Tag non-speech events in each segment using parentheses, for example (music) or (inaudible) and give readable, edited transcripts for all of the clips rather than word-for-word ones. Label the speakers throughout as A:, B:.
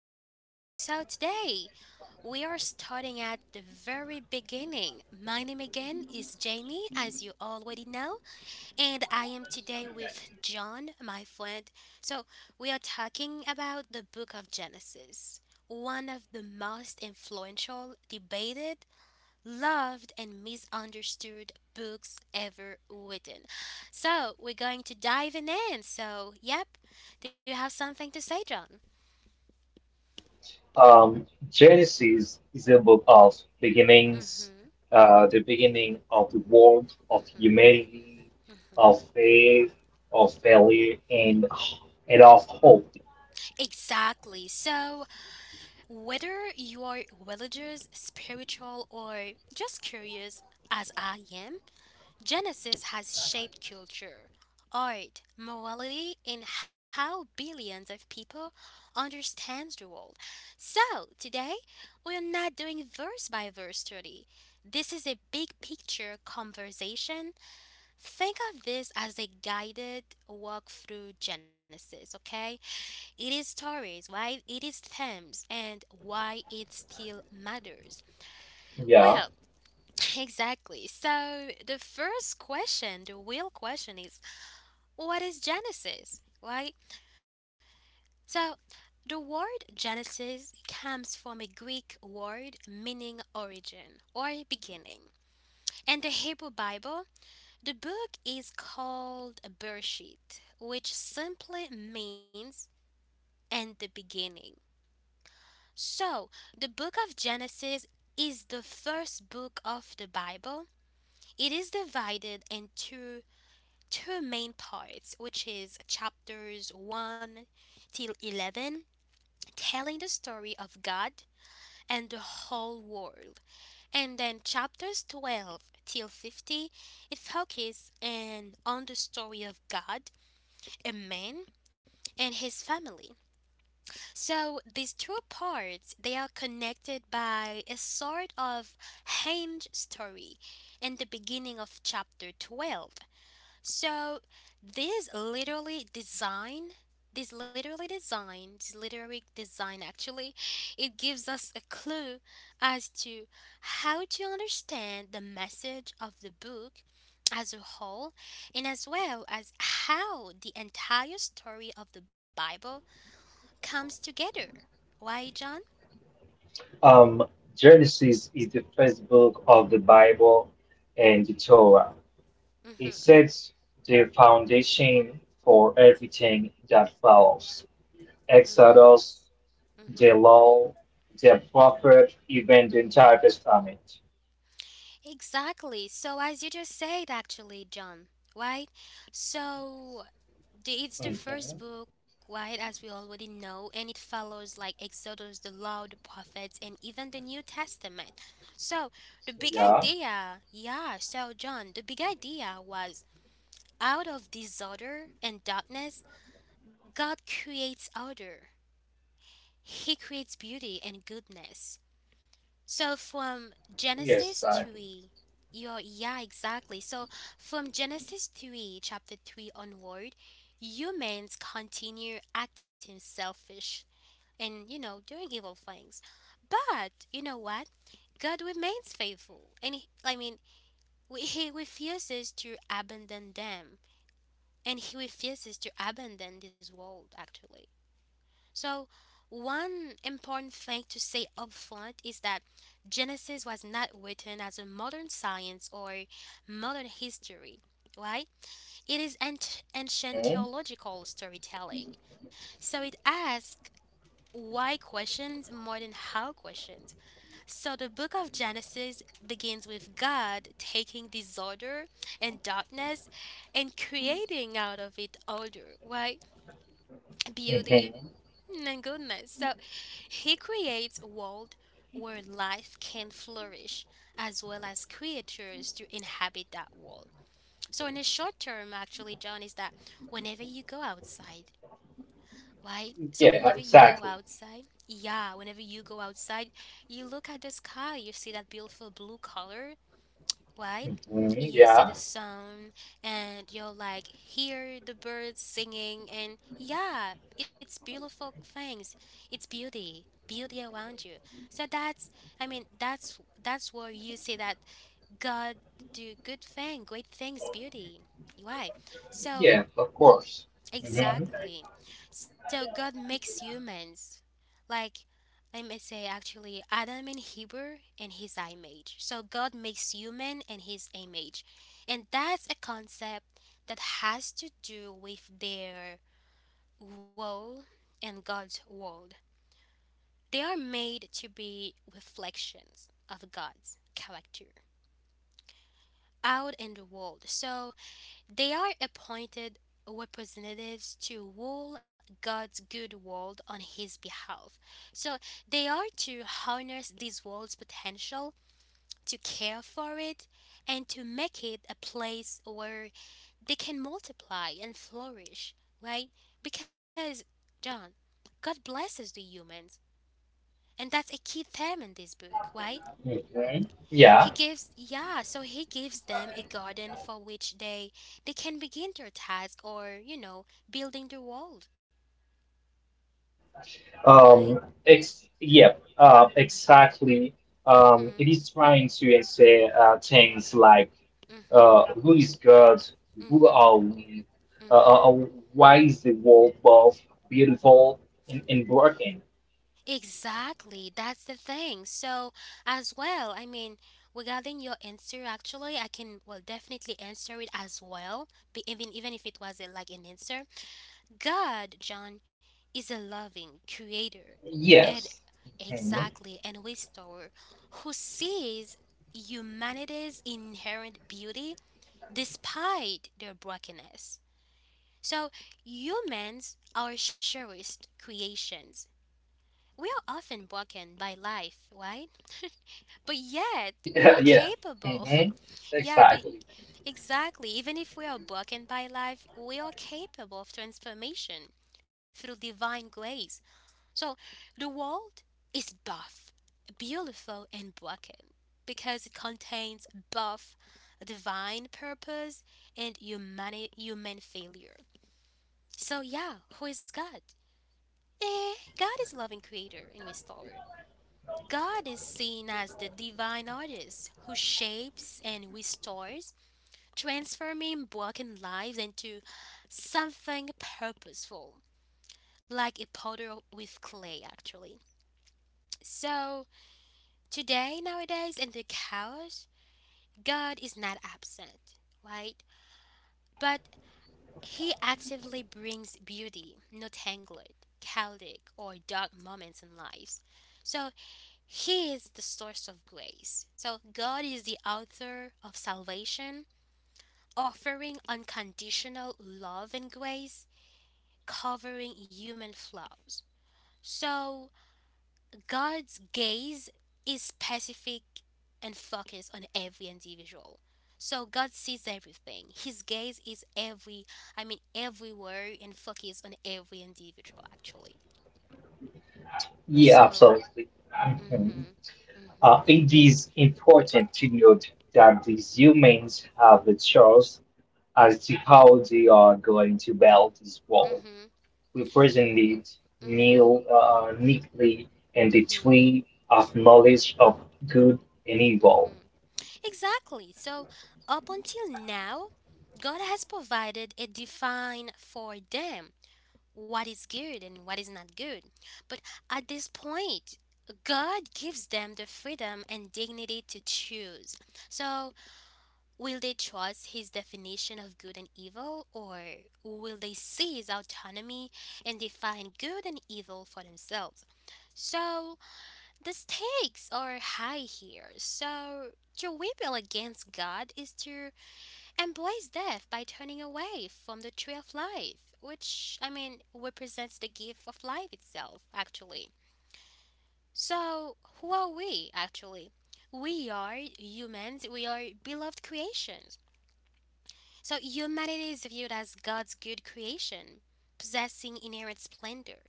A: the show. So, today we are starting at the very beginning. My name again is Jamie, as you already know, and I am today with John, my friend. So, we are talking about the book of Genesis, one of the most influential, debated, loved, and misunderstood books ever written. So, we're going to dive in. So, yep, do you have something to say, John?
B: Genesis is a book of beginnings,
A: Mhm.
B: the beginning of the world, of humanity, of faith, of failure, and of hope.
A: Exactly. So, whether you're religious, spiritual, or just curious, as I am, Genesis has shaped culture, art, morality, and how billions of people understand the world. So, today, we are not doing verse by verse study. This is a big picture conversation. Think of this as a guided walk through Genesis, okay? It is Taurus, why it is Thames, and why it still matters.
B: Yeah.
A: Well, (laughs) exactly. So the first question, the real question is what is Genesis, right? So the word Genesis comes from a Greek word meaning origin or beginning. In the Hebrew Bible, the book is called Bereshit, which simply means in the beginning. So, the book of Genesis is the first book of the Bible. It is divided into two main parts, which is chapters 1 till 11, telling the story of God and the whole world. And then chapters 12 till 50, it focuses and on the story of God, a man, and his family. So these two parts they are connected by a sort of hinge story in the beginning of chapter 12. So this literally design this literary design actually, it gives us a clue as to how to understand the message of the book as a whole and as well as how the entire story of the Bible comes together. Why, John?
B: Um, Genesis is the first book of the Bible and the Torah. It
A: Mhm.
B: sets the foundation for everything that follows.
A: Mhm.
B: Exodus,
A: Mhm.
B: the law, the prophet, even the entire
A: Mhm.
B: testament.
A: Exactly. So, as you just said, actually, John, right? So, it's the first
B: Mhm.
A: book, right, as we already know, and it follows like Exodus, the Law, the Prophets, and even the New Testament. So, the big
B: Yeah.
A: idea, yeah, so, John, the big idea was out of disorder and darkness, God creates order. He creates beauty and goodness. So from
B: Yes.
A: Genesis 3, yeah, exactly. So from Genesis 3, chapter 3 onward, humans continue acting selfish and, you know, doing evil things. But you know what? God remains faithful. And he, I mean, (laughs) he refuses to abandon them. And he refuses to abandon this world, actually. So, one important thing to say upfront is that Genesis was not written as a modern science or modern history, right? It is ancient
B: Mhm.
A: theological storytelling. So, it asks why questions more than how questions. So, the book of Genesis begins with God taking disorder and darkness and creating out of it order, right? Beauty
B: Mhm.
A: my goodness. So he creates a world where life can flourish as well as creatures to inhabit that world. So in the short term actually John is that whenever you go outside, right? So whenever
B: Yeah.
A: you go
B: Exactly.
A: outside, yeah, whenever you go outside, you look at the sky, you see that beautiful blue color, right?
B: Mhm.
A: You see
B: Yeah.
A: the sun and you're like hear the birds singing and yeah, it's beautiful things. It's beauty, beauty around you. So that's, I mean, that's where you see that God do good thing, great things, beauty. Why? So
B: Yeah. Of course. Mhm.
A: exactly. So God makes humans like let me say actually Adam in Hebrew and his image. So God makes human in his image. And that's a concept that has to do with their role in God's world. They are made to be reflections of God's character out in the world. So they are appointed representatives to rule God's good world on his behalf. So they are to harness this world's potential to care for it, and to make it a place where they can multiply and flourish, right? Because, John, God blesses the humans. And that's a key theme in this book, right?
B: Mhm.
A: He
B: Yeah.
A: gives yeah, so he gives them a garden for which they can begin their task or, you know, building the world, right?
B: Um. Ex. Yep. Exactly. It
A: Mhm.
B: is trying to say things like,
A: Mhm.
B: who is God? Who
A: Mhm.
B: are we? Uh, uh,
A: Mhm.
B: uh, why is the world both beautiful and broken?
A: Exactly, that's the thing. So, as well, I mean, regarding your answer, actually, I can well definitely answer it as well. But even if it wasn't like an answer, God, John, is a loving creator, and
B: Yes. Mm-hmm.
A: exactly, and restorer, who sees humanity's inherent beauty despite their brokenness. So humans are surest creations we are often broken by life, right? (laughs) but yet we
B: Yeah,
A: are
B: yeah.
A: capable.
B: Hmm.
A: (laughs) yeah, but
B: Exactly.
A: exactly, even if we are broken by life, we are capable of transformation through divine grace. So the world is both beautiful and broken because it contains both divine purpose and human failure. So yeah, who is God?
B: Hmm.
A: Eh,
B: Exactly.
A: God is loving creator and restorer. God is seen as the divine artist who shapes and restores, transforming broken lives into something purposeful, like a potter with clay, actually. So, today, nowadays, in the chaos, God is not absent, right? But He actively brings beauty, not tangled, chaotic, or dark moments in lives. So, He is the source of grace. So God is the author of salvation, offering unconditional love and grace, covering human flaws. So God's gaze is specific and focused on every individual. So God sees everything. His gaze is every, I mean, everywhere and focused on every individual actually.
B: Yeah,
A: So,
B: absolutely. Mhm.
A: mhm, mhm,
B: It is important to note that these humans have a choice as to how they are going to build this wall.
A: mhm,
B: We presented
A: mhm,
B: Neil neatly in the
A: mhm.
B: tree of knowledge of good and evil.
A: Exactly. So, up until now, God has provided a define for them what is good and what is not good. But at this point, God gives them the freedom and dignity to choose. So, will they trust his definition of good and evil, or will they seize autonomy and define good and evil for themselves? So, the stakes are high here, so to rebel against God is to embrace death by turning away from the tree of life, which, I mean, represents the gift of life itself, actually. So, who are we, actually? We are humans, we are beloved creations. So, humanity is viewed as God's good creation, possessing inherent splendor.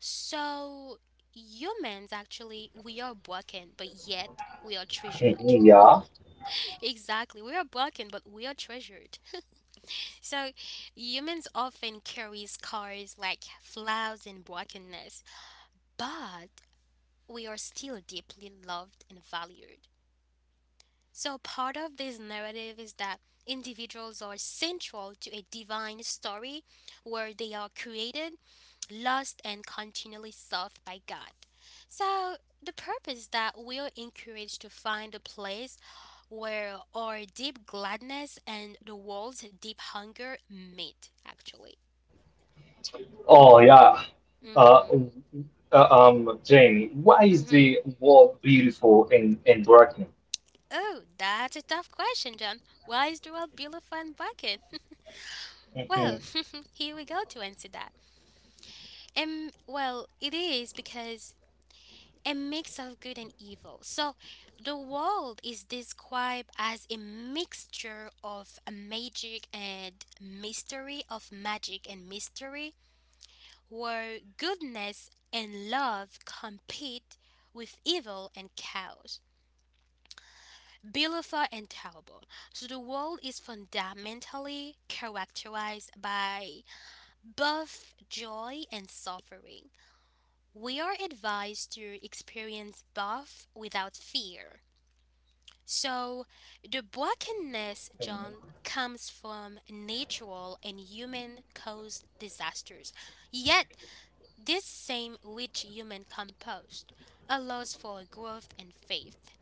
A: So, humans actually, we are broken, but yet we are treasured.
B: Mhm, yeah.
A: (laughs) exactly, we are broken, but we are treasured. So, humans often carry scars like flaws and brokenness, but we are still deeply loved and valued. So, part of this narrative is that individuals are central to a divine story where they are created, lost, and continually sought by God. So, the purpose that we are encouraged to find a place where our deep gladness and the world's deep hunger meet, actually.
B: Oh yeah. Uh,
A: Mm-hmm.
B: Jamie, why is
A: Mm-hmm.
B: the world beautiful and broken?
A: Oh, that's a tough question, John. Why is the world below fun bucket? (laughs) well,
B: Mhm,
A: (laughs) here we go to answer that. Well, it is because a mix of good and evil. So the world is described as a mixture of magic and mystery, where goodness and love compete with evil and chaos. Beautiful and terrible. So the world is fundamentally characterized by both joy and suffering. We are advised to experience both without fear. So, the brokenness, John,
B: mhm.
A: comes from natural and human caused disasters. Yet, this same rich human compost allows for growth and faith.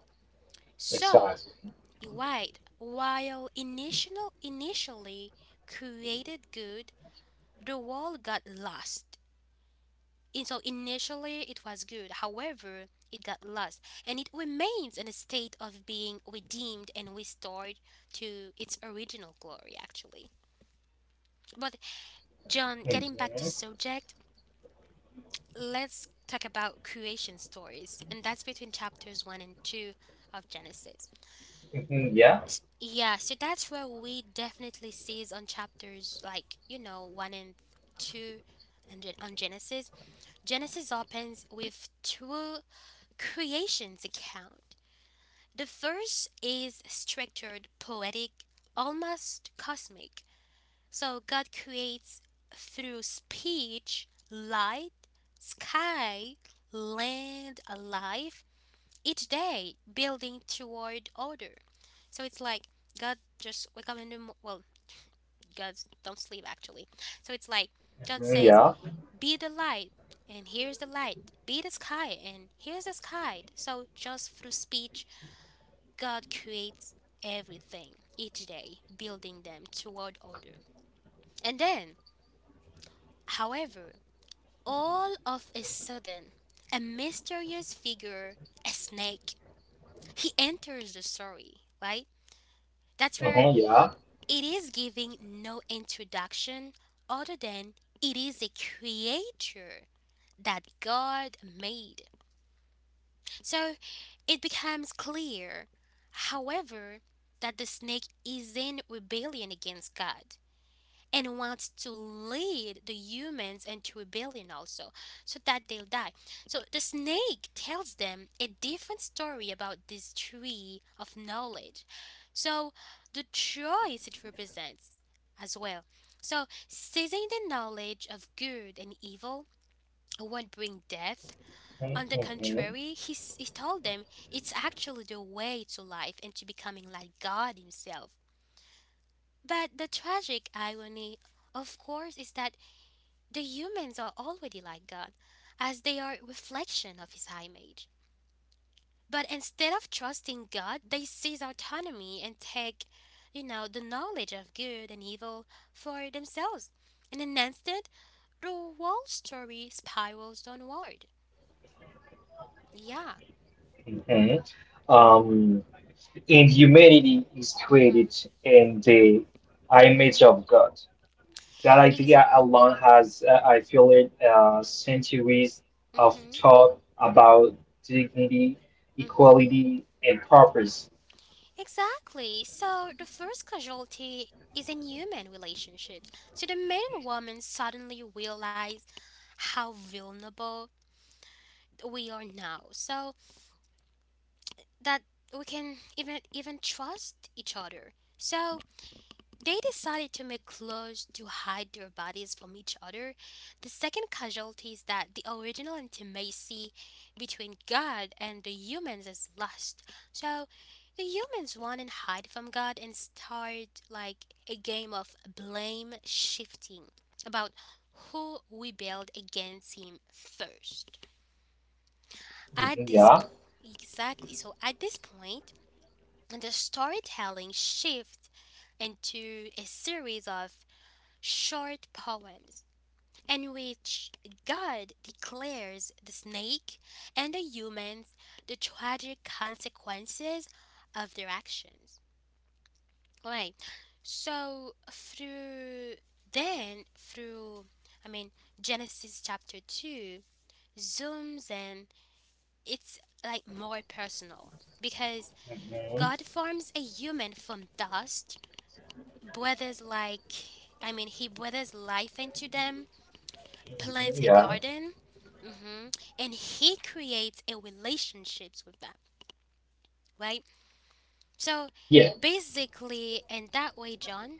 A: So,
B: Exactly.
A: you're right, while initially created good, the world got lost. And so initially it was good. However, it got lost and it remains in a state of being redeemed and restored to its original glory, actually. But, John, getting back to
B: Mhm,
A: subject, let's talk about creation stories. And that's between chapters 1 and 2 of Genesis.
B: mhm, yeah.
A: Yeah, so that's where we definitely seize on chapters like, you know, 1 and 2 and on Genesis. Genesis opens with two Creation's account. The first is structured, poetic, almost cosmic. So God creates through speech, light, sky, land, life, each day building toward order. So it's like God just wake up in the well, God don't sleep actually. So it's like God
B: Mhm,
A: says,
B: yeah.
A: "Be the light," and here's the light. Be the sky, and here's the sky. So just through speech, God creates everything each day, building them toward order. And then, however, all of a sudden, a mysterious figure, a snake, he enters the story, right? That's where
B: Mhm, yeah.
A: it is giving no introduction other than it is a creature that God made. So it becomes clear, however, that the snake is in rebellion against God, and wants to lead the humans into rebellion also, so that they'll die. So the snake tells them a different story about this tree of knowledge. So the choice it represents as well. So seizing the knowledge of good and evil won't bring death. On the
B: Mhm,
A: contrary, he told them it's actually the way to life and to becoming like God Himself. But the tragic irony, of course, is that the humans are already like God, as they are a reflection of His image. But instead of trusting God, they seize autonomy and take the knowledge of good and evil for themselves. And in an instant, the whole story spirals downward. Yeah.
B: mhm, mhm. Um, and humanity is created
A: Mhm.
B: in the image
A: Mhm.
B: of God. That
A: Ex-
B: idea alone has, I feel it, centuries of
A: mhm.
B: talk about dignity,
A: Mhm.
B: equality, and purpose.
A: Exactly. So the first casualty is in human relationships. So the man and woman suddenly realize how vulnerable we are now, so that we can even trust each other, so they decided to make clothes to hide their bodies from each other. The second casualty is that the original intimacy between God and the humans is lost. So the humans want and hide from God and start like a game of blame shifting about who rebelled against Him first. At
B: Mhm,
A: this
B: yeah.
A: point, exactly. So at this point, the storytelling shifts into a series of short poems in which God declares the snake and the humans the tragic consequences of their actions. Right. So through then through I mean, Genesis chapter 2 zooms in. It's like more personal because
B: Mhm,
A: God forms a human from dust, breathes like, I mean, he breathes life into them,
B: mhm,
A: plants a
B: yeah.
A: garden, hmm and he creates a relationships with them, right? So
B: Yeah.
A: basically, in that way, John,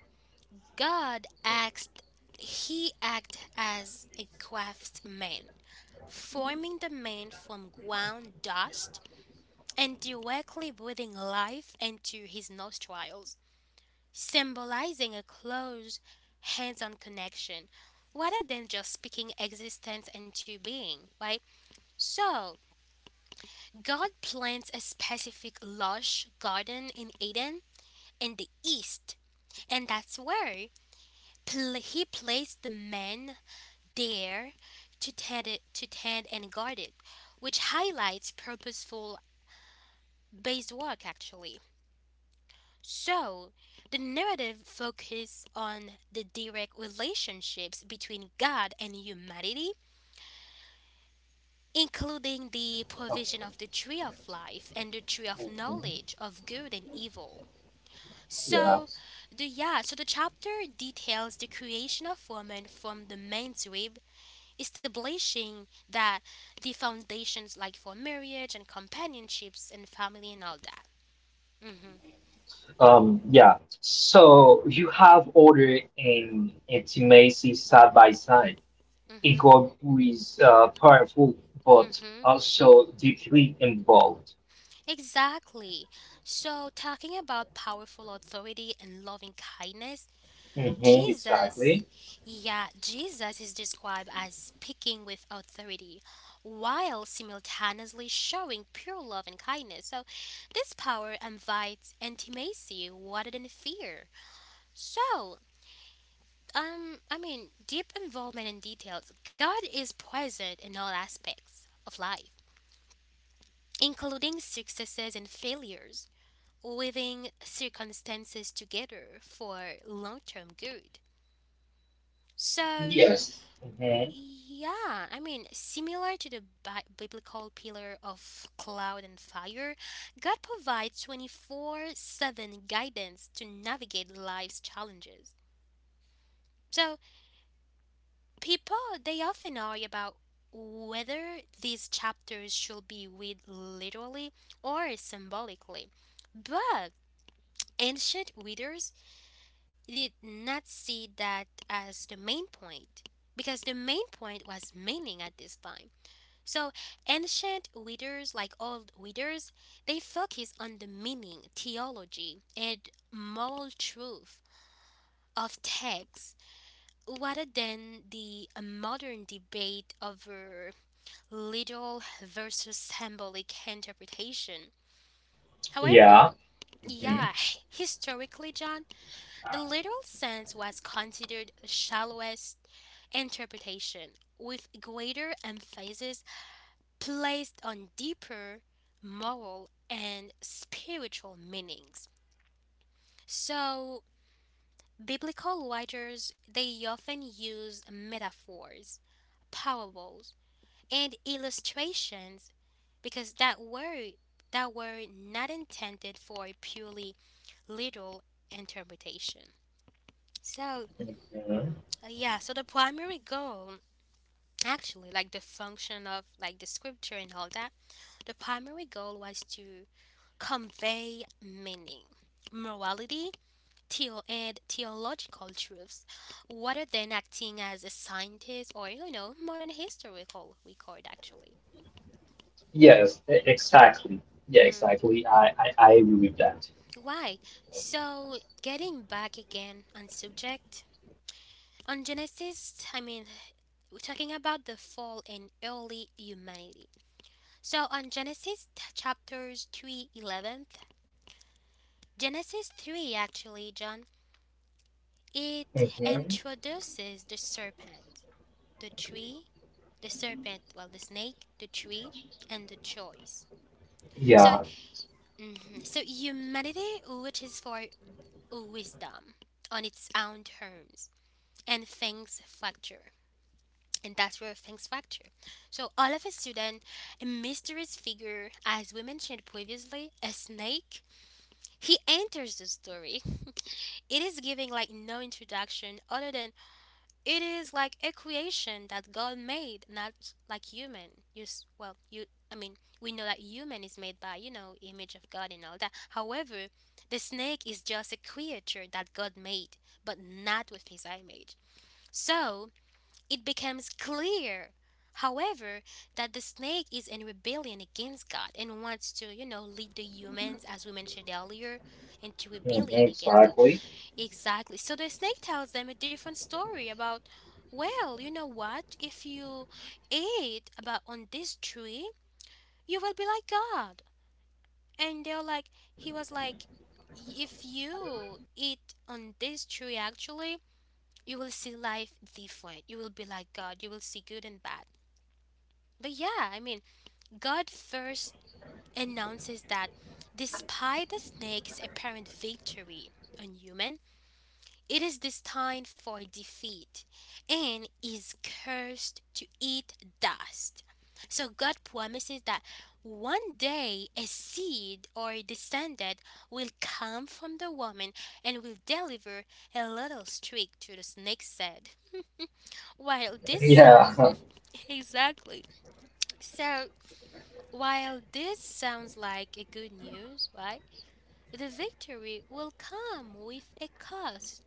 A: God acts, he acts as a craftsman, forming the man from ground dust and directly breathing life into his nostrils, symbolizing a close, hands on connection rather than just speaking existence into being, right? So God plants a specific lush garden in Eden in the east, and that's where He placed the man there to tend and guard it, which highlights purposeful based work, actually. So the narrative focuses on the direct relationships between God and humanity, including the provision of the tree of life and the tree of
B: Mhm,
A: knowledge of good and evil.
B: yeah.
A: So, the yeah, so the chapter details the creation of woman from the man's rib, establishing that the foundations like for marriage and companionships and family and all that.
B: Yeah. So you have order and intimacy side by side.
A: Mhm.
B: Ego is powerful, but
A: Mhm.
B: also deeply involved.
A: Exactly. So, talking about powerful authority and loving kindness,
B: Hmm,
A: Jesus,
B: exactly.
A: yeah, Jesus is described as speaking with authority while simultaneously showing pure love and kindness. So this power invites intimacy rather than fear. So, I mean, deep involvement in details. God is present in all aspects of life, including successes and failures, living circumstances together for long term good. So
B: Yes.
A: yeah, I mean, similar to the biblical pillar of cloud and fire, God provides 24/7 guidance to navigate life's challenges. So people, they often argue about whether these chapters should be read literally or symbolically. But ancient readers, he did not see that as the main point, because the main point was meaning at this time. So ancient readers, like old readers, they focus on the meaning, theology, and moral truth of texts rather than the modern debate over literal versus symbolic interpretation. However,
B: Yeah. Mhm.
A: yeah, (laughs) historically, John, the literal sense was considered the shallowest interpretation, with greater emphasis placed on deeper moral and spiritual meanings. So biblical writers, they often use metaphors, parables, and illustrations because that were not intended for a purely literal interpretation. So
B: Mhm.
A: yeah, so the primary goal, actually, like the function of, like, the scripture and all that. The primary goal was to convey meaning, morality, and theological truths, rather than acting as a scientist or modern historical record, actually.
B: Yes, exactly. Yeah,
A: hmm
B: exactly. I agree with that.
A: Why? So, getting back again on subject, on Genesis, I mean, we're talking about the fall in early humanity. So on Genesis chapters 3 11, Genesis 3, actually, John. It
B: Mhm.
A: introduces the serpent, the tree, the snake, the tree, and the choice. So,
B: Yeah.
A: mhm, so humanity reaches for wisdom on its own terms, and things fracture, and that's where things fracture. So, all of a sudden, a mysterious figure, as we mentioned previously, a snake, he enters the story. It is giving like no introduction other than it is like a creation that God made, not like human. Well, you I mean, we know that human is made by, image of God and all that. However, the snake is just a creature that God made, but not with His image. So it becomes clear, however, that the snake is in rebellion against God and wants to, lead the humans, as we mentioned earlier, into
B: Mhm,
A: rebellion against God.
B: exactly.
A: Exactly. So the snake tells them a different story about, well, you know what? If you ate about on this tree, you will be like God. And they're like, he was like, if you eat on this tree, actually, you will see life different. You will be like God. You will see good and bad. But yeah, I mean, God first announces that despite the snake's apparent victory on human, it is destined for defeat and is cursed to eat dust. So God promises that one day a seed or a descendant will come from the woman and will deliver a little streak to the snake's head. While this
B: Yeah.
A: sounds
B: (laughs)
A: (laughs) Exactly. So, while this sounds like a good news, right? The victory will come with a cost.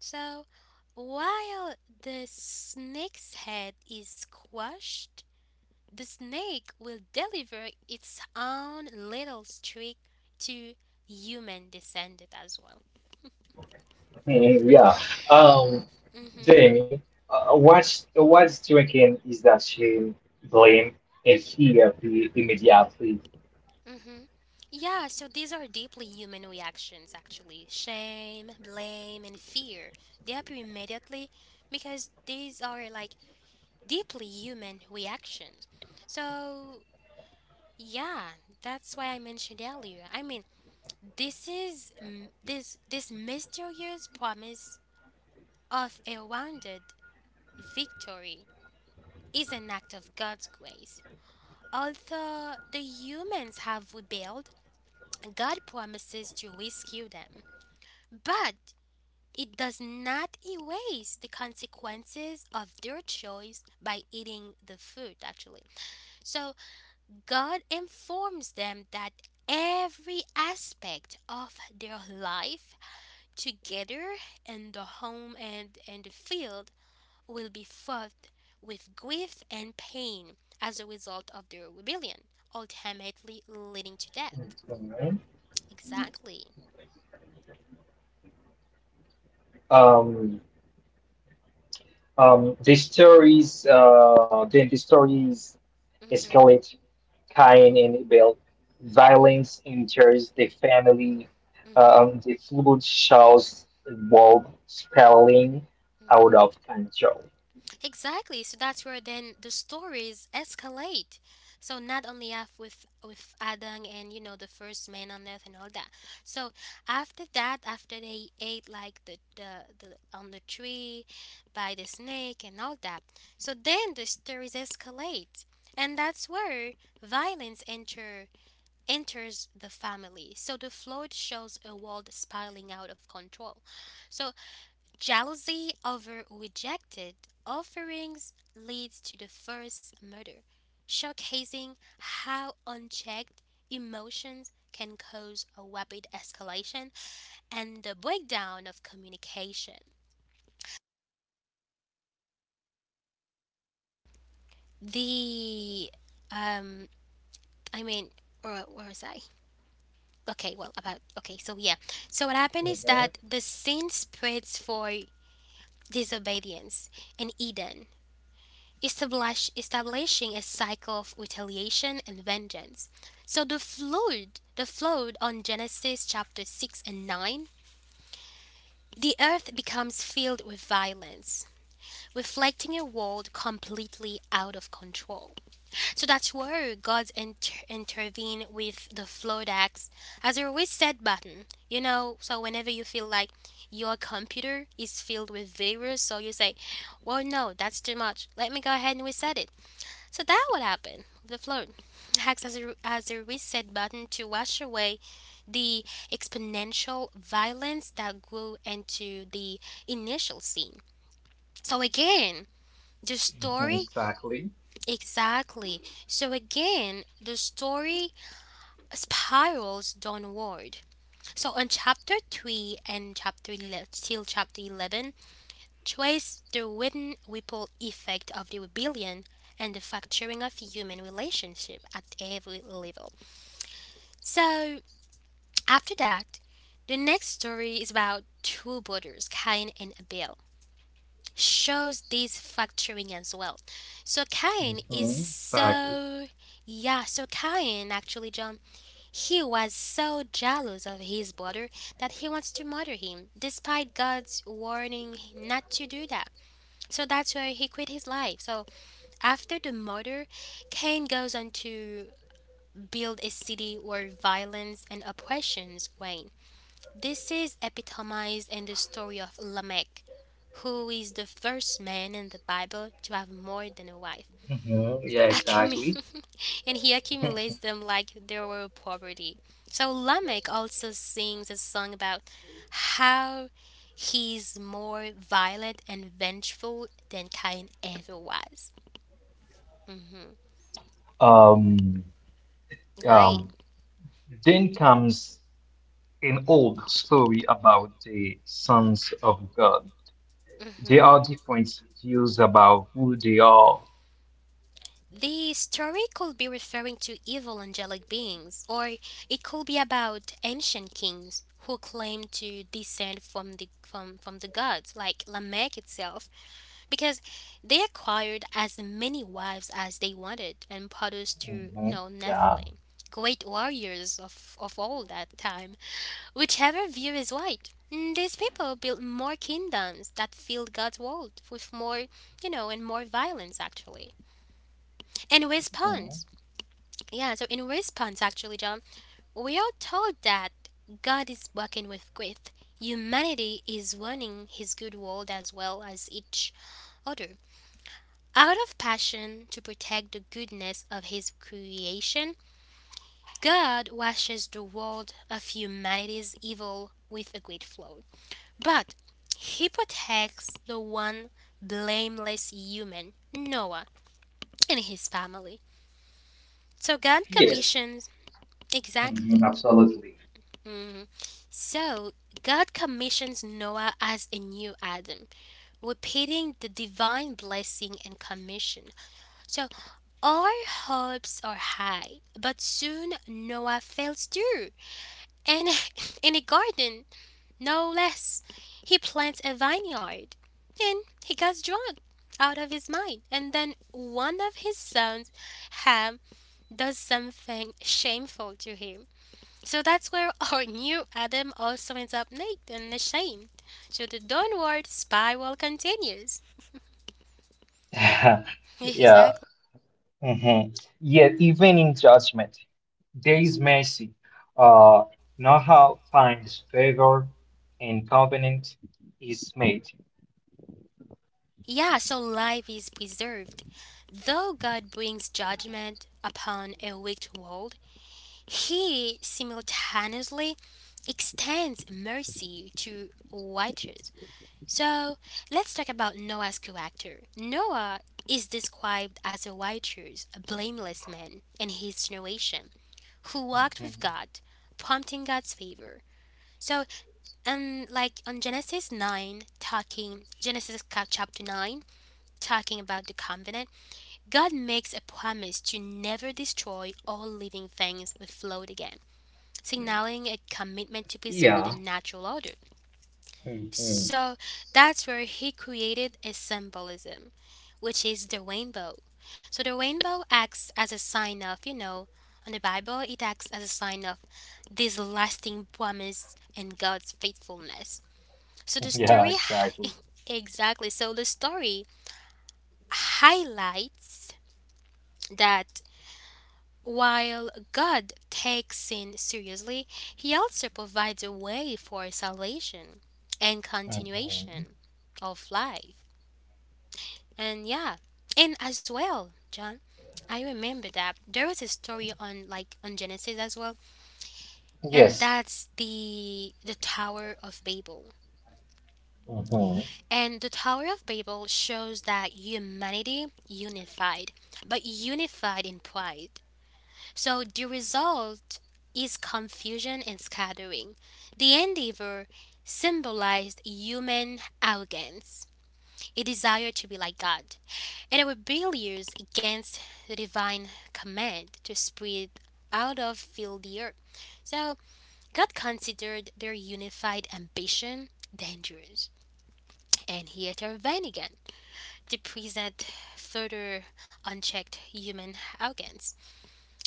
A: So while the snake's head is squashed, the snake will deliver its own little trick to human descendant as well.
B: Mhm, yeah. Um,
A: Mm-hmm.
B: Jamie, what's drinking is that shame, blame, and fear be immediately.
A: Mm-hmm. Yeah, so these are deeply human reactions, actually. Shame, blame, and fear. They appear immediately because these are like deeply human reactions. So yeah, that's why I mentioned earlier. I mean, This is mm, this mysterious promise of a rounded victory is an act of God's grace. Although the humans have rebelled, God promises to rescue them. But it does not erase the consequences of their choice by eating the fruit, actually. So God informs them that every aspect of their life together, in the home and in the field, will be fought with grief and pain as a result of the rebellion, ultimately leading to death.
B: Mhm.
A: Exactly.
B: Um, then the stories
A: Mm-hmm.
B: escalate Cain and
A: Mm-hmm.
B: Abel. Violence
A: Mm-hmm.
B: enters the family.
A: Mm-hmm.
B: The flood shows the world spiraling out
A: Mm-hmm.
B: of control.
A: Exactly. So that's where then the stories escalate. So not only af with Adam and, you know, the first man on earth and all that. So after that, after they ate like the on the tree by the snake and all that. So then the stories escalate. And that's where violence enters the family. So the flood shows a world spiraling out of control. So jealousy over rejected offerings leads to the first murder, showcasing how unchecked emotions can cause a rapid escalation and the breakdown of communication. The um, I mean, or where was I? Okay, well, about, okay, so yeah, so what happened is
B: Mhm,
A: that the sin spreads for disobedience in Eden, establishing a cycle of retaliation and vengeance. So the flood on Genesis chapter 6 and 9, the earth becomes filled with violence, reflecting a world completely out of control. So that's where God intervened with the flood axe as a reset button. You know, so whenever you feel like your computer is filled with virus, so you say, well, no, that's too much. Let me go ahead and reset it. So that would happen with the float. It acts as a, as a reset button to wash away the exponential violence that grew into the initial scene. So again, the
B: mhm.
A: story
B: Exactly.
A: exactly. So again, the story spirals downward. So on chapter 3 and chapter 11, till chapter 11, trace the wooden ripple effect of the rebellion and the fracturing of human relationship at every level. So, after that, the next story is about two brothers, Cain and Abel. Shows this fracturing as well. So Cain is so yeah, so Cain, actually, John, he was so jealous of his brother that he wants to murder him, despite God's warning not to do that. So that's where he quit his life. So after the murder, Cain goes on to build a city where violence and oppressions reign. This is epitomized in the story of Lamech, who is the first man in the Bible to have more than a wife.
B: Mhm, yeah, exactly.
A: Accumu- (laughs) and he accumulates
B: (laughs)
A: them like they were property. So Lamech also sings a song about how he's more violent and vengeful than Cain ever was. Mhm.
B: Um,
A: Right.
B: um, then comes an old story about the sons of God. There
A: Mhm.
B: are different views about who they are.
A: The story could be referring to evil angelic beings, or it could be about ancient kings who claim to descend from the from, the gods, like Lamech itself, because they acquired as many wives as they wanted and produced to, you
B: Mhm,
A: know,
B: yeah.
A: Nephilim, great warriors of all that time. Whichever view is right, these people built more kingdoms that filled God's world with more and more violence, actually. In
B: Mhm.
A: response, yeah, so in response, actually, John, we are told that God is working with great. Humanity is running His good world as well as each other. Out of passion to protect the goodness of His creation, God washes the world of humanity's evil with a great flood. But He protects the one blameless human, Noah, and his family. So God
B: Yes,
A: commissions,
B: mhm,
A: exactly.
B: absolutely.
A: Mhm. So God commissions Noah as a new Adam, repeating the divine blessing and commission. So our hopes are high, but soon Noah fails too. And (laughs) in a garden, no less. He plants a vineyard and he gets drunk out of his mind. And then one of his sons, Ham, does something shameful to him. So that's where (laughs) our new Adam also ends up naked and ashamed. So the downward spiral continues.
B: (laughs)
A: (laughs)
B: Yeah.
A: exactly.
B: Hmm. Yet, even in judgment, there is mercy. Uh, Noah finds favor and covenant is made.
A: Yeah, so life is preserved. Though God brings judgment upon a wicked world, He simultaneously extends mercy to righteous. So let's talk about Noah's character. Noah is described as a righteous, blameless man in his generation who walked with
B: Mhm.
A: God, prompting God's favor. So, like on Genesis 9, talking, Genesis chapter 9, talking about the covenant, God makes a promise to never destroy all living things with flood again, signaling a commitment to preserve
B: Yeah.
A: the natural order.
B: Mhm.
A: So that's where he created a symbolism, which is the rainbow. So the rainbow acts as a sign of, you know, on the Bible, it acts as a sign of this lasting promise and God's faithfulness. So the
B: (laughs) Yeah,
A: story,
B: exactly.
A: (laughs) exactly. So the story highlights that while God takes sin seriously, He also provides a way for salvation and
B: Mhm.
A: continuation of life. And yeah, and as well, John, I remember that there was a story on like on Genesis as well, and
B: Yes.
A: that's the Tower of Babel.
B: Mhm.
A: And the Tower of Babel shows that humanity unified, but unified in pride. So the result is confusion and scattering. The endeavor symbolized human arrogance, a desire to be like God, and a rebellion against the divine command to spread out of fill the earth. So God considered their unified ambition dangerous. And he intervened again to present further unchecked human arrogance.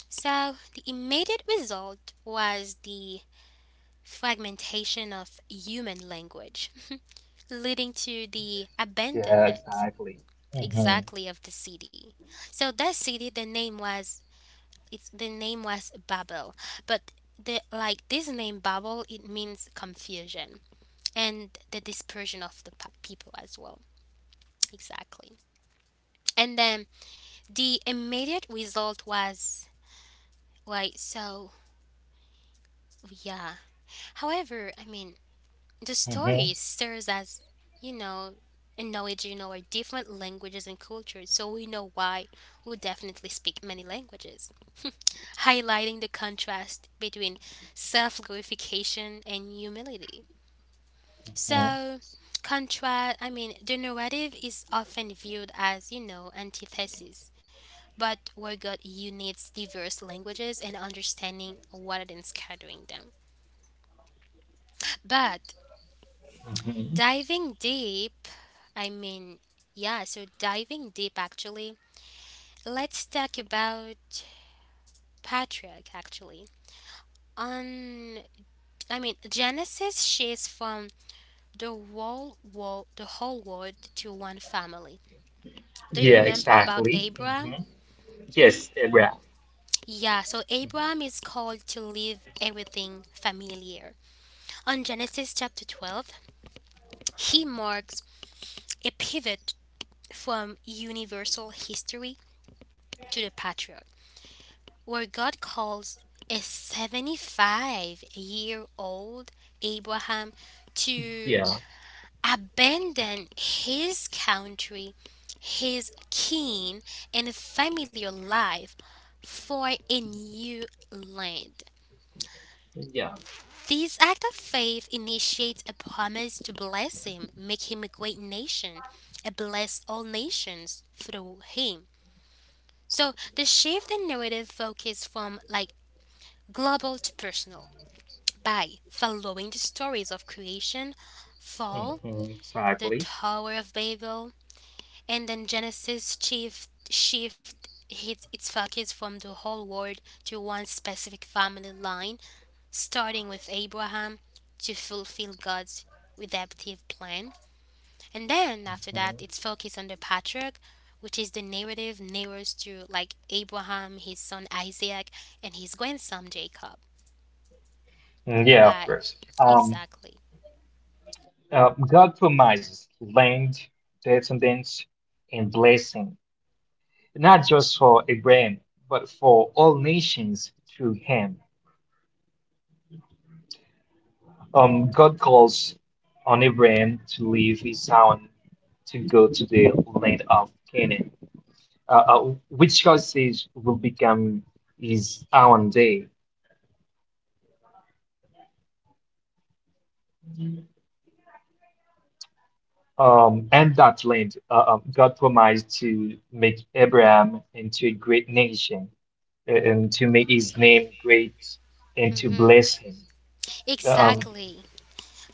A: So, the immediate result was the fragmentation of human language, (laughs) leading to the
B: Yeah,
A: abandonment,
B: exactly. Mhm.
A: exactly, of the city. So that city, the name was it's the name was Babel, but the like this name Babel it means confusion and the dispersion of the people as well. Exactly. And then the immediate result was like so yeah. However, I mean the
B: Mhm.
A: story serves as, you know, a knowledge, you know, our different languages and cultures, so we know why we definitely speak many languages, highlighting the contrast between self glorification and humility.
B: Mhm.
A: So, contrast, I mean, the narrative is often viewed as, you know, antithesis, but where God unites diverse languages and understanding rather than scattering them. But
B: Mhm.
A: diving deep, I mean, yeah, so diving deep actually. Let's talk about Patriarch actually. On, I mean, Genesis shifts from the whole world to one family. Do you
B: Yeah,
A: remember about
B: exactly.
A: Abraham?
B: Mhm. Yes, yeah,
A: Yeah, so Abraham is called to leave everything familiar. On Genesis chapter 12, he marks a pivot from universal history to the patriarch, where God calls a 75-year-old Abraham to
B: yeah,
A: abandon his country, his kin, and familiar life for a new land.
B: yeah.
A: This act of faith initiates a promise to bless him, make him a great nation, and bless all nations through him. So the shift in narrative focus from like global to personal, by following the stories of creation, fall,
B: Mhm.
A: the
B: Exactly.
A: Tower of Babel, and then Genesis shift hit its focus from the whole world to one specific family line, starting with Abraham to fulfill God's redemptive plan. And then after that, it's focused on the patriarch, which is the narrative narrows to like Abraham, his son Isaac, and his grandson Jacob.
B: Mm, yeah, of
A: Why?
B: course.
A: Exactly.
B: God promises land, descendants, and blessing, not just for Abraham, but for all nations through him. God calls on Abraham to leave his town to go to the land of Canaan, uh, uh, which God says will become his own day. And that land, God promised to make Abraham into a great nation and to make his name great and to
A: Mm-hmm.
B: bless him. Um,
A: Exactly.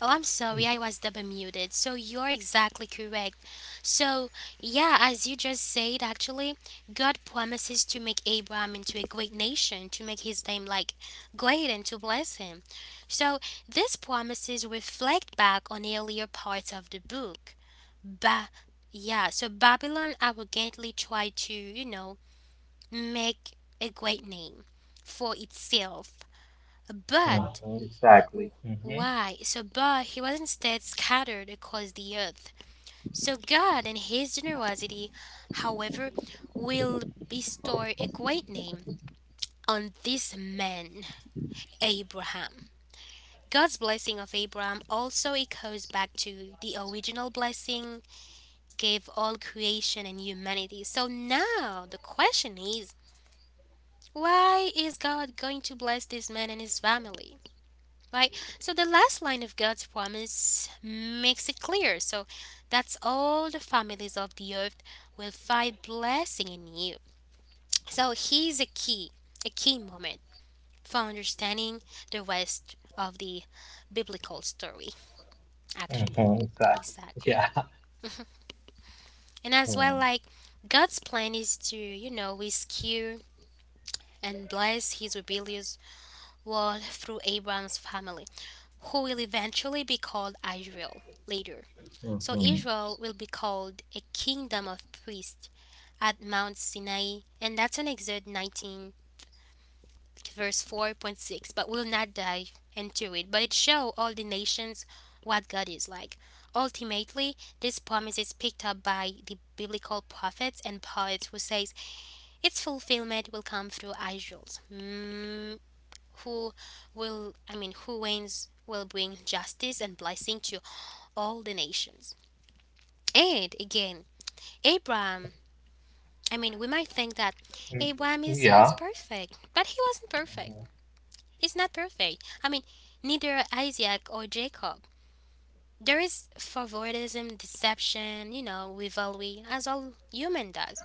A: Oh, I'm sorry, I was double muted. So you're exactly correct. So, yeah, as you just said, actually, God promises to make Abraham into a great nation, to make his name like great and to bless him. So, these promises reflect back on earlier parts of the book. Ba- yeah, so Babylon arrogantly tried to, you know, make a great name for itself. But
B: mhm,
A: W-
B: exactly. Hmm.
A: Why? So, but he was instead scattered across the earth. So, God, in His generosity, however, will bestow a great name on this man, Abraham. God's blessing of Abraham also echoes back to the original blessing gave all creation and humanity. So now the question is, why is God going to bless this man and his family? Right? So the last line of God's promise makes it clear. So that's all the families of the earth will find blessing in you. So he's a key moment for understanding the rest of the biblical story, actually.
B: Exactly.
A: Exactly.
B: Yeah.
A: And as well, like God's plan is to, you know, rescue and bless his rebellious world through Abraham's family, who will eventually be called Israel later. So Israel will be called a kingdom of priests at Mount Sinai, and that's on Exodus 19, verse 4.6. But we'll not dive into it, but it shows all the nations what God is like. Ultimately, this promise is picked up by the biblical prophets and poets who says its fulfillment will come through Israel's who will, I mean, who reigns will bring justice and blessing to all the nations. And again, Abraham, I mean, we might think that
B: Mm,
A: Abraham is, was
B: yeah.
A: perfect, but he wasn't perfect. He's not perfect. I mean, neither Isaac or Jacob. There is favoritism, deception, you know, rivalry, as all human does.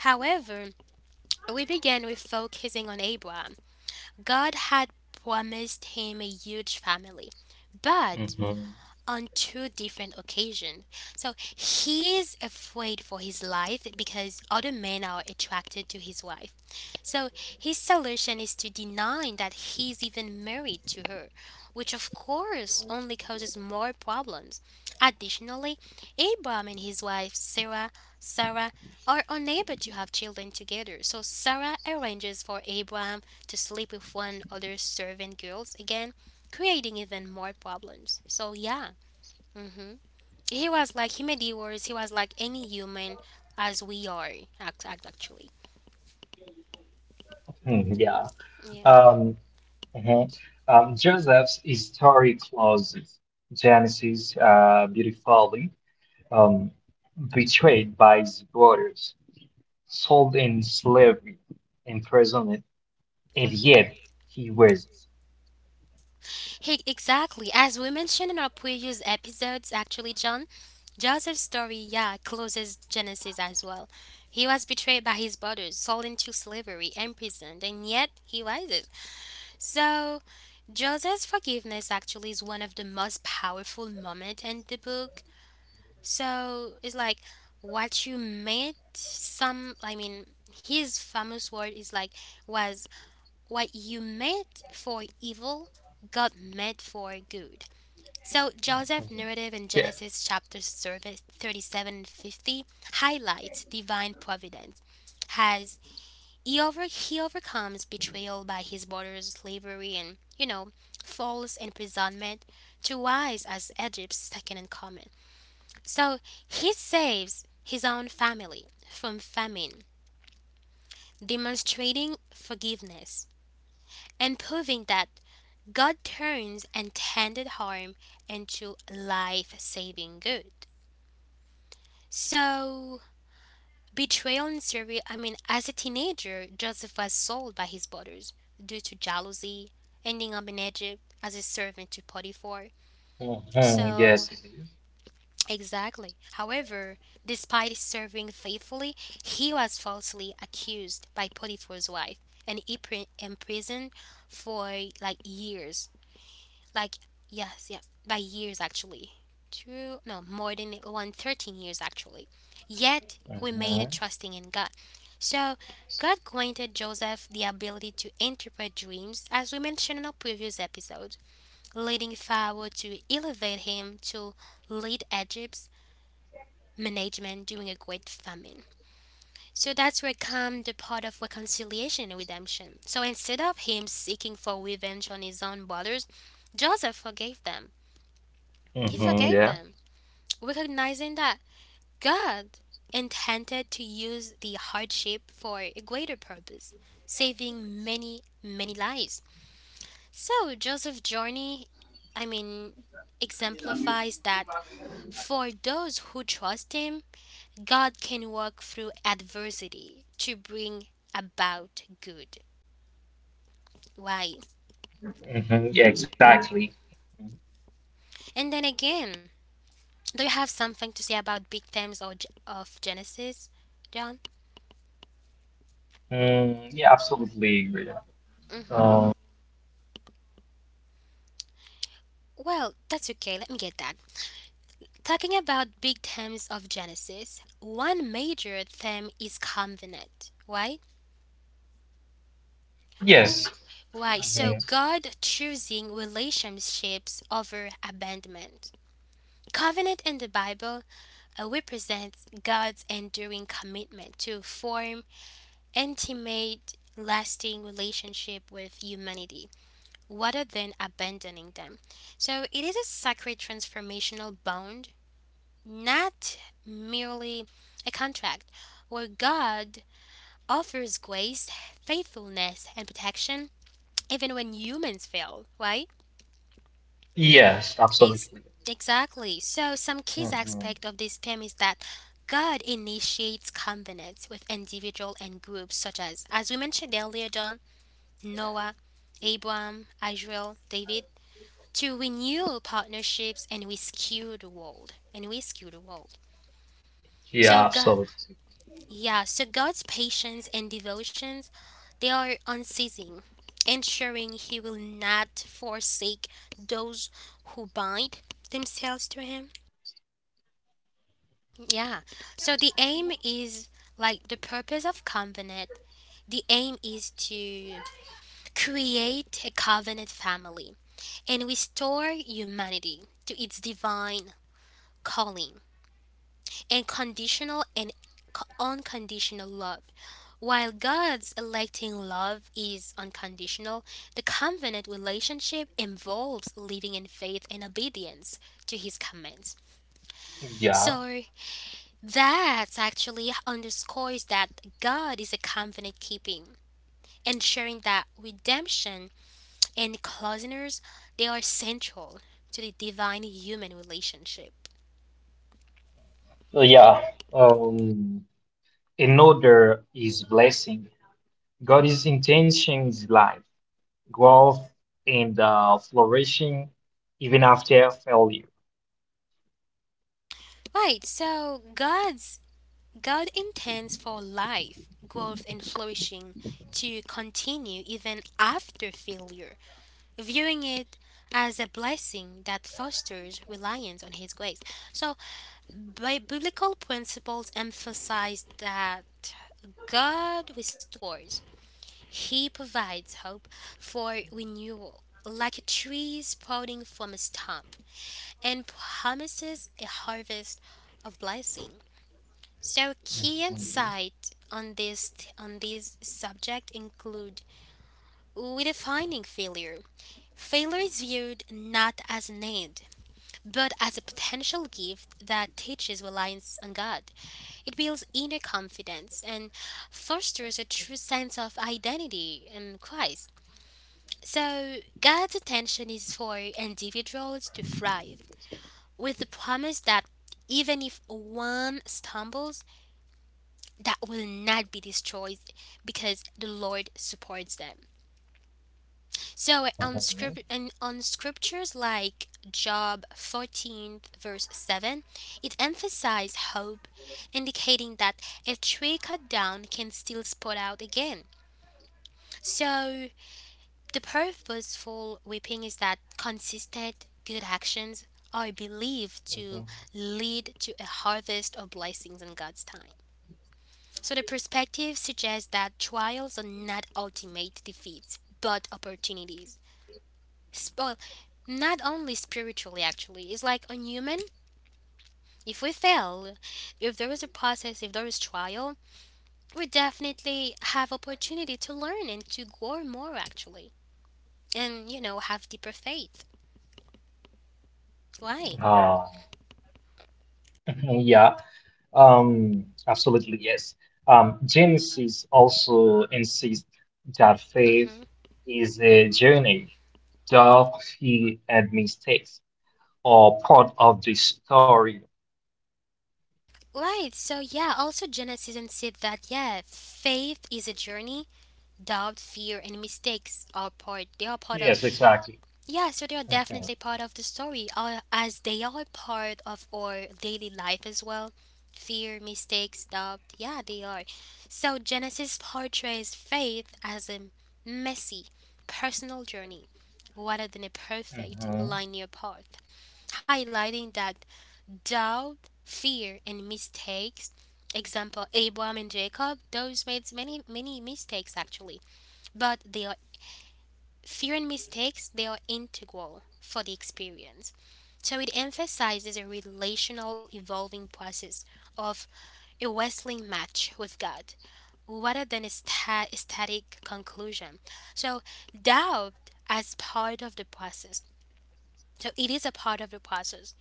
A: However, we begin with focusing on Abraham. God had promised him a huge family, but on two different occasions. So he is afraid for his life because other men are attracted to his wife. So his solution is to deny that he's even married to her, which of course only causes more problems. Additionally, Abraham and his wife Sarah are unable to have children together. So Sarah arranges for Abraham to sleep with one other servant girls again, creating even more problems. So yeah, hmm he was like he made it worse. He was like any human as we are, actually.
B: Mhm, yeah.
A: Yeah.
B: Um, mhm. Joseph's story closes Genesis beautifully, um, betrayed by his brothers, sold in slavery, imprisonment, and yet he raises.
A: He, exactly. As we mentioned in our previous episodes, actually, John, Joseph's story, yeah, closes Genesis as well. He was betrayed by his brothers, sold into slavery, imprisoned, and yet he rises. So, Joseph's forgiveness actually is one of the most powerful moments in the book. So, it's like what you meant, some, I mean, his famous word is like, was what you meant for evil, God meant for good. So, Joseph's
B: Mhm,
A: narrative in
B: yeah.
A: Genesis chapters 37 and 50 highlights divine providence as he overcomes betrayal by his brother's slavery and, you know, false imprisonment to rise as Egypt's second in command. So, he saves his own family from famine, demonstrating forgiveness and proving that God turns intended harm into life saving good. So, betrayal in Serbia, I mean, as a teenager, Joseph was sold by his brothers due to jealousy, ending up in Egypt as a servant to Potiphar.
B: Mhm,
A: So,
B: yes, it
A: exactly. However, despite serving faithfully, he was falsely accused by Potiphar's wife and he imprisoned for like years. Like, yes, yeah, by years actually. Two, no, more than one 13 years actually. Yet remained
B: is.
A: trusting in God. So God granted Joseph the ability to interpret dreams, as we mentioned in our previous episode, leading Pharaoh to elevate him to lead Egypt's management during a great famine. So that's where comes the part of reconciliation and redemption. So instead of him seeking for revenge on his own brothers, Joseph forgave them, he
B: Hmm,
A: forgave
B: yeah.
A: them, recognizing that God intended to use the hardship for a greater purpose, saving many, many lives. So Joseph's journey, I mean, exemplifies that for those who trust him, God can work through adversity to bring about good. Right.
B: Hmm. Yeah, exactly.
A: And then again, do you have something to say about big themes or, of Genesis, John?
B: Mm, yeah, absolutely agree.
A: Hmm.
B: Um,
A: Well, that's okay, let me get that. Talking about big themes of Genesis, one major theme is covenant. Why?
B: yes.
A: Why? So
B: Mhm.
A: God choosing relationships over abandonment. Covenant in the Bible represents God's enduring commitment to form intimate, lasting relationship with humanity, rather than abandoning them. So it is a sacred transformational bond, not merely a contract, where God offers grace, faithfulness, and protection even when humans fail, right?
B: Yes,
A: Ex-
B: absolutely.
A: exactly. So, some key
B: Hmm.
A: aspect of this theme is that God initiates covenants with individual and groups, such as we mentioned earlier, John, Noah, Abraham, Israel, David, to renew partnerships and rescue the world. And rescue the world.
B: Yeah,
A: So, God,
B: absolutely.
A: yeah, so God's patience and devotions, they are unceasing, ensuring he will not forsake those who bind themselves to him. Yeah. So the aim is like the purpose of covenant. The aim is to create a covenant family and restore humanity to its divine calling. And conditional and unconditional love. While God's electing love is unconditional, the covenant relationship involves living in faith and obedience to his commands.
B: Yeah.
A: So that actually underscores that God is a covenant keeping, ensuring that redemption and closeness, they are central to the divine human relationship.
B: Yeah. Um, in order is blessing. God is intention is life, growth, and flourishing even after failure.
A: Right, so God intends for life, growth, and flourishing to continue even after failure, viewing it as a blessing that fosters reliance on His grace. So, biblical principles emphasize that God restores, He provides hope for renewal, like a tree sprouting from a stump, and promises a harvest of blessing. So key insight on this subject include redefining failure. Failure is viewed not as an end, but as a potential gift that teaches reliance on God. It builds inner confidence and fosters a true sense of identity in Christ. So God's attention is for individuals to thrive, with the promise that even if one stumbles, that will not be destroyed because the Lord supports them. So on
B: Mhm,
A: script and on scriptures like Job 14 verse 7, it emphasizes hope, indicating that a tree cut down can still sprout out again. So the purposeful weeping is that consistent good actions are believed to
B: mhm.
A: lead to a harvest of blessings in God's time. So the perspective suggests that trials are not ultimate defeats, but opportunities. Well, not only spiritually, actually, it's like on human. If we fail, if there is a process, if there is trial, we definitely have opportunity to learn and to grow more, actually, and have deeper faith. Why?
B: Ah, (laughs) yeah, absolutely, yes. Genesis also insists that faith
A: Mm-hmm.
B: is a journey. Doubt, fear, and mistakes are part of the story.
A: Right. So yeah. Also, Genesis said that, yeah, faith is a journey. Doubt, fear, and mistakes are part. They are part
B: Yes,
A: of.
B: exactly.
A: Yeah, so they are
B: Mhm,
A: definitely part of the story, as they are part of our daily life as well. Fear, mistakes, doubt, yeah, they are. So Genesis portrays faith as a messy, personal journey rather than a perfect,
B: mhm.
A: linear path, highlighting that doubt, fear, and mistakes. Example: Abraham and Jacob. Those made many, many mistakes actually, but they are. Fear and mistakes, they are integral for the experience. So it emphasizes a relational evolving process of a wrestling match with God rather than a static conclusion. So doubt as part of the process. So it is a part of the process,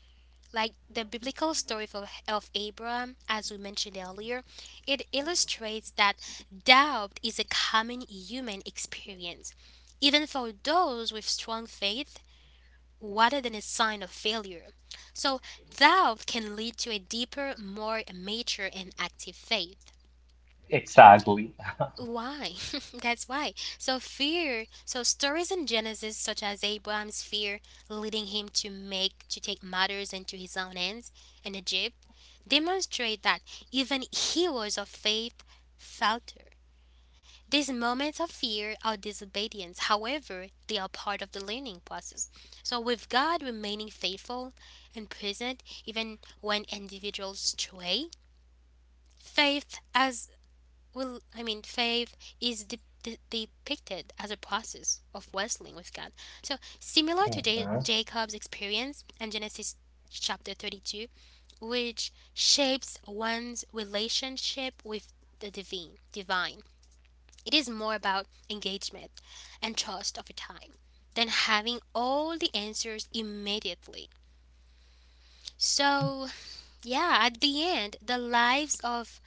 A: like the biblical story of Abraham. As we mentioned earlier, it illustrates that doubt is a common human experience, even for those with strong faith, rather than a sign of failure. So, doubt can lead to a deeper, more mature, and active faith.
B: Exactly.
A: Why? (laughs) That's why. So fear. So stories in Genesis, such as Abraham's fear, leading him to make to take matters into his own hands in Egypt, demonstrate that even heroes of faith falter. These moments of fear are disobedience. However, they are part of the learning process. So with God remaining faithful and present, even when individuals stray, faith as I mean, faith is depicted as a process of wrestling with God. So, similar to
B: Mhm.
A: Jacob's experience in Genesis chapter 32, which shapes one's relationship with the divine. It is more about engagement and trust over time than having all the answers immediately. So, yeah, at the end, the lives of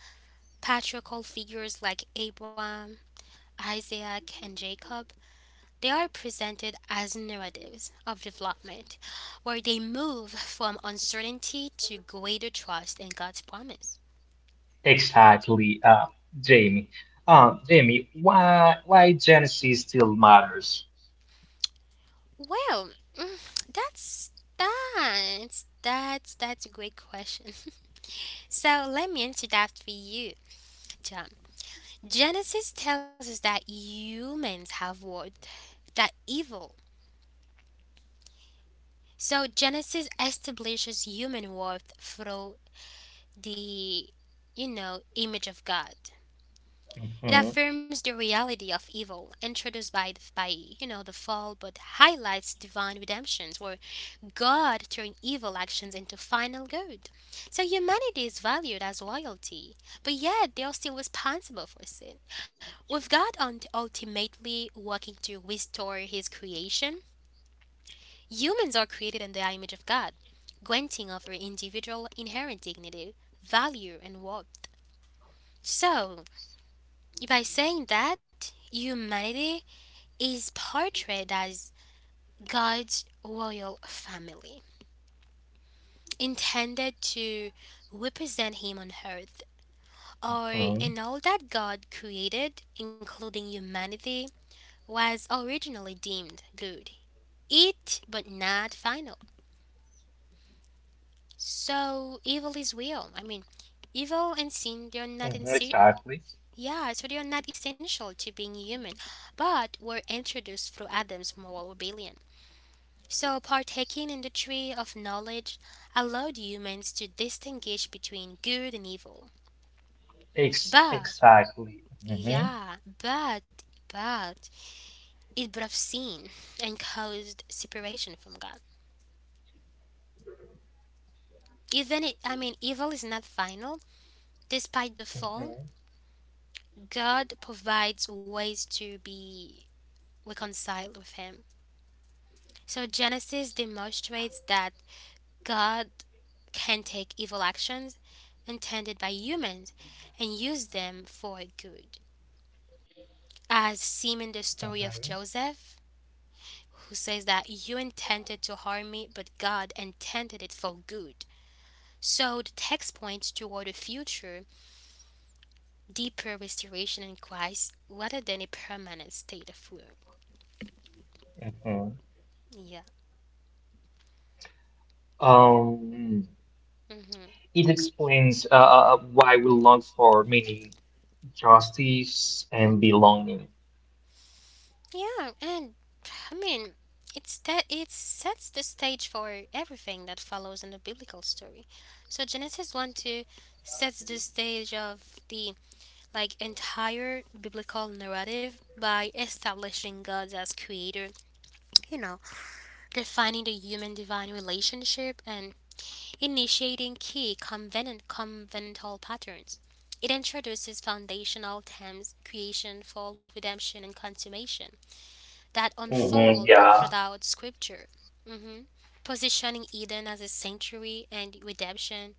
A: patriarchal figures like Abraham, Isaac, and Jacob, they are presented as narratives of development where they move from uncertainty to greater trust in God's promise.
B: Exactly, Jamie. Jamie, why Genesee still matters?
A: Well, that's that's a great question. (laughs) So let me answer that for you, John. Genesis tells us that humans have worth, that evil. So Genesis establishes human worth through the, image of God. It
B: Hmm.
A: affirms the reality of evil introduced by the fall, but highlights divine redemptions where God turned evil actions into final good. So humanity is valued as royalty, but yet they are still responsible for sin. With God ultimately working to restore His creation, humans are created in the image of God, granting of their individual inherent dignity, value, and worth. So, by saying that, humanity is portrayed as God's royal family, intended to represent Him on earth, or
B: Hmm.
A: in all that God created, including humanity, was originally deemed good. It, but not final. So evil is real. I mean, evil and sin they're not in
B: Hmm,
A: si-,
B: exactly.
A: yeah, so they are not essential to being human, but were introduced through Adam's moral rebellion. So, partaking in the tree of knowledge allowed humans to distinguish between good and evil.
B: Ex
A: But,
B: exactly. Hmm.
A: yeah, but, but, it brought sin and caused separation from God. Even, it, I mean, evil is not final. Despite the fall,
B: Hmm.
A: God provides ways to be reconciled with Him. So, Genesis demonstrates that God can take evil actions intended by humans and use them for good. As seen in the story of
B: Hmm.
A: Joseph, who says that you intended to harm me, but God intended it for good. So the text points toward a future, deeper restoration in Christ rather than a permanent state of ruin.
B: Hmm.
A: Yeah.
B: Um,
A: Hmm.
B: it explains why we long for meaning, justice, and belonging.
A: Yeah, and I mean, it's that it sets the stage for everything that follows in the biblical story. So Genesis 1 2 sets the stage of the like entire biblical narrative by establishing God as creator, you know, defining the human divine relationship and initiating key covenantal patterns. It introduces foundational themes: creation, fall, redemption, and consummation that
B: Hmm,
A: unfold
B: yeah.
A: throughout Scripture, hmm positioning Eden as a sanctuary and redemption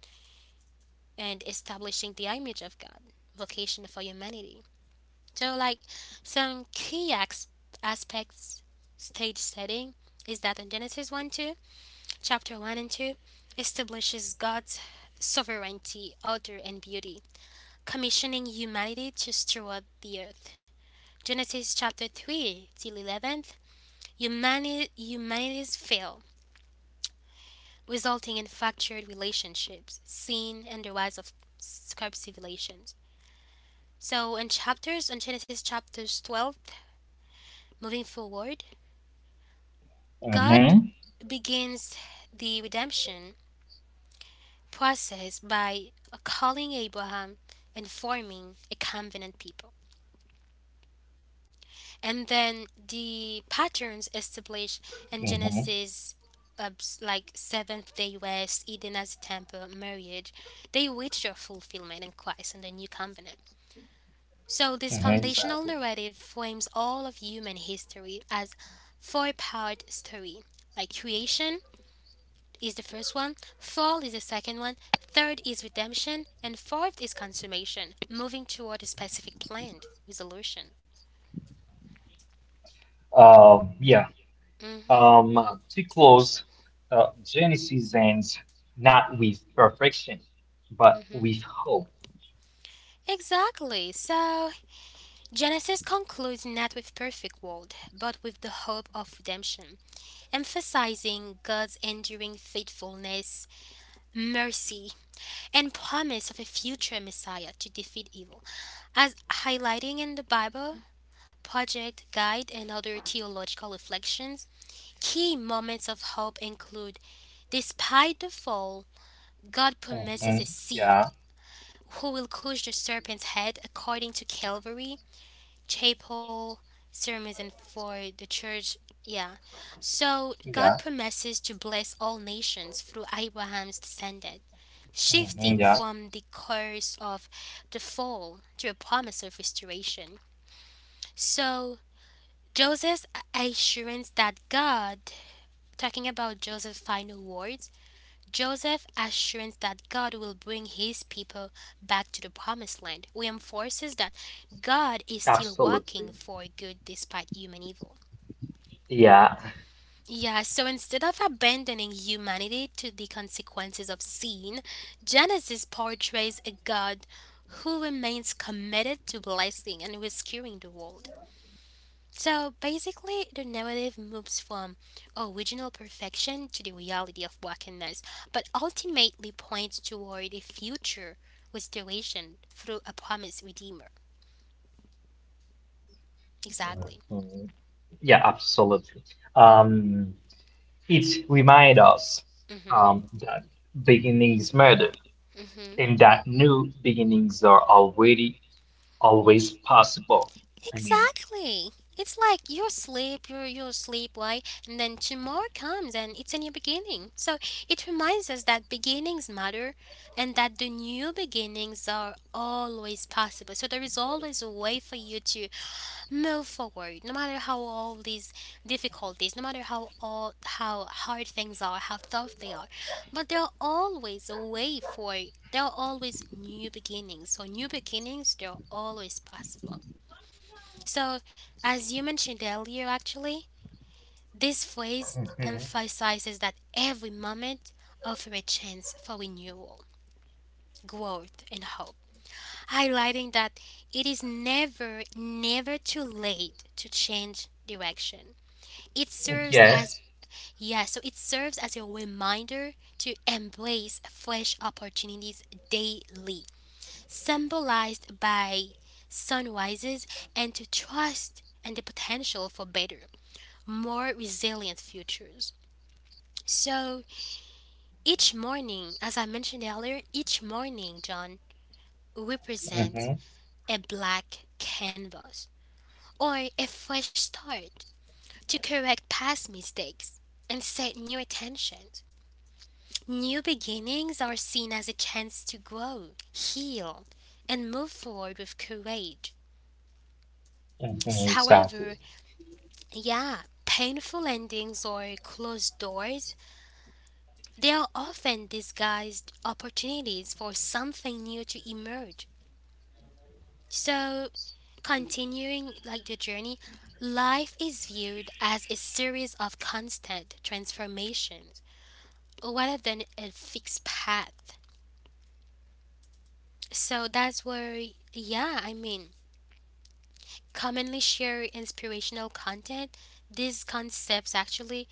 A: and establishing the image of God, vocation for humanity. So, like, some aspects, stage setting is that in Genesis 1 2, chapter 1 and 2, establishes God's sovereignty, order, and beauty, commissioning humanity to steward the earth. Genesis chapter 3 till 11, humanities fail, resulting in fractured relationships, seen and the rise of scarp civilizations. So, in chapters, in Genesis chapters 12, moving forward, God
B: Hmm.
A: begins the redemption process by calling Abraham and forming a covenant people. And then the patterns
B: Hmm.
A: established in Genesis, like Seventh Day West, Eden as a temple, marriage, they reach their fulfillment in Christ and the New Covenant. So
B: Hmm,
A: this
B: exactly.
A: foundational narrative frames all of human history as four-part story. Like creation is the first one, fall is the second one, third is redemption, and fourth is consummation, moving toward a specific planned resolution.
B: Yeah.
A: Hmm.
B: To close, Genesis ends not with perfection, but
A: Hmm.
B: with hope.
A: Exactly. So, Genesis concludes not with perfect world, but with the hope of redemption, emphasizing God's enduring faithfulness, mercy, and promise of a future Messiah to defeat evil. As highlighting in the Bible, project, guide, and other theological reflections, key moments of hope include: despite the fall, God
B: Hmm.
A: promises a seed
B: Yeah,
A: who will crush the serpent's head according to Calvary, chapel sermons for the church, yeah, so God
B: yeah.
A: promises to bless all nations through Abraham's descendant,
B: Hmm,
A: shifting
B: yeah,
A: from the curse of the fall to a promise of restoration. So Joseph's assurance that God, talking about Joseph's final words, Joseph's assurance that God will bring his people back to the promised land reinforces that God is still working
B: absolutely.
A: for good despite human evil.
B: Yeah,
A: Yeah, so instead of abandoning humanity to the consequences of sin, Genesis portrays a God who remains committed to blessing and rescuing the world. So basically, the narrative moves from original perfection to the reality of brokenness, but ultimately points toward a future restoration through a promised redeemer. Exactly.
B: mhm. Yeah, absolutely. Um, it reminds us
A: Mhm.
B: that beginnings matter
A: Mhm.
B: and that new beginnings are already always possible. I mean,
A: Exactly. It's like you sleep, you sleep, right? And then tomorrow comes, and it's a new beginning. So it reminds us that beginnings matter, and that the new beginnings are always possible. So there is always a way for you to move forward, no matter how all these difficulties, no matter how all how hard things are, how tough they are, but there are always a way for it. There are always new beginnings, so new beginnings, they're always possible. So, as you mentioned earlier, actually, this phrase
B: mhm.
A: emphasizes that every moment offers a chance for renewal, growth, and hope, highlighting that it is never too late to change direction. It serves as,
B: Yes.
A: yeah, so it serves as a reminder to embrace fresh opportunities daily, symbolized by sunrises, and to trust and the potential for better, more resilient futures. So each morning, as I mentioned earlier, each morning, John, represents
B: Hmm.
A: a black canvas or a fresh start to correct past mistakes and set new intentions. New beginnings are seen as a chance to grow, heal, and move forward with courage.
B: Hmm, exactly.
A: However, yeah, painful endings or closed doors, they are often disguised opportunities for something new to emerge. So, continuing like the journey, life is viewed as a series of constant transformations rather than a fixed path. So that's where, yeah, I mean, commonly share inspirational content, these concepts actually,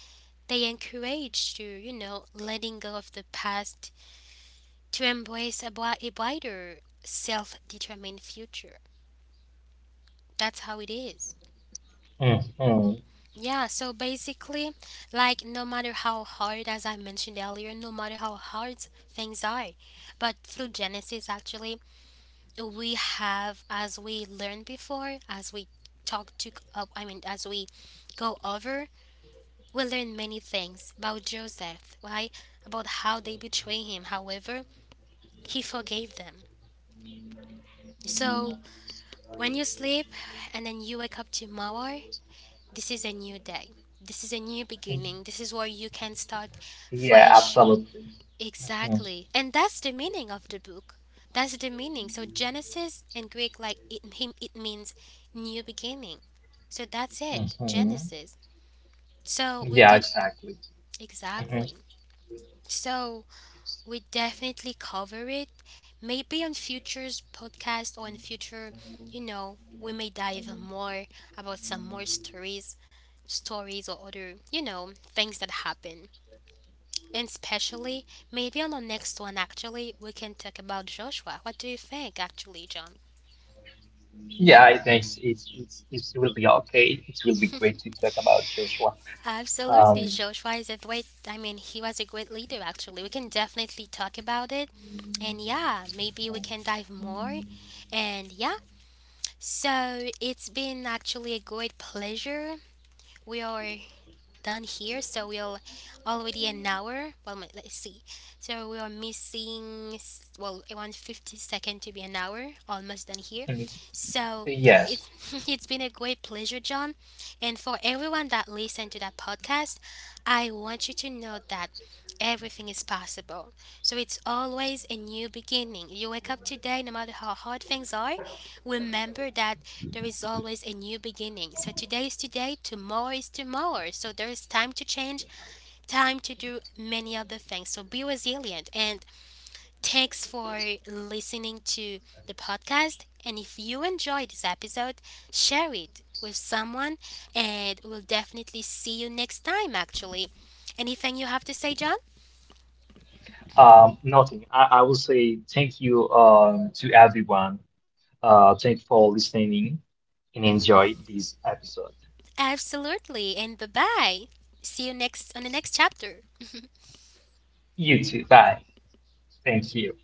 A: they encourage you, letting go of the past to embrace a, a brighter, self-determined future. That's how it is.
B: Mhm.
A: Yeah, so basically, like no matter how hard, as I mentioned earlier, no matter how hard things are, but through Genesis, actually, we have, as we learned before, as we talk to, I mean, as we go over. We learn many things about Joseph, right? About how they betray him. However, he forgave them. So when you sleep and then you wake up tomorrow, this is a new day. This is a new beginning. This is where you can start
B: Yeah,
A: fresh.
B: absolutely. Mhm.
A: Exactly. And that's the meaning of the book. That's the meaning. So Genesis in Greek, like it him, it means new beginning. So that's it.
B: Mhm.
A: Genesis. So we
B: Yeah,
A: did,
B: exactly. Mhm.
A: exactly. So we definitely cover it. Maybe on future's podcast or in future, you know, we may dive more about some more stories, stories or other, you know, things that happen. And especially, maybe on the next one, actually, we can talk about Joshua. What do you think, actually, John?
B: Yeah, I think it will be okay. It will be great to talk about Joshua. Um,
A: Absolutely, Joshua is a great. I mean, he was a great leader. Actually, we can definitely talk about it, and yeah, maybe we can dive more, and yeah. So it's been actually a great pleasure. We are done here, so we'll already an hour. Well, let's see. So we are missing well around fifty second to be an hour, almost done here.
B: mm,
A: So
B: yes.
A: it's, (laughs) it's been a great pleasure, John, and for everyone that listened to that podcast, I want you to know that everything is possible. So it's always a new beginning. You wake up today, no matter how hard things are. Remember that there is always a new beginning. So today is today, tomorrow is tomorrow. So there is time to change, time to do many other things. So be resilient. And thanks for listening to the podcast. And if you enjoyed this episode, share it with someone. And we'll definitely see you next time, actually. Anything you have to say, John?
B: Nothing. I will say thank you to everyone. Thank you for listening and
A: (laughs) Mm-hmm.
B: enjoy this episode.
A: Absolutely. And bye bye. See you next on the next chapter.
B: You too. Bye. Thank you.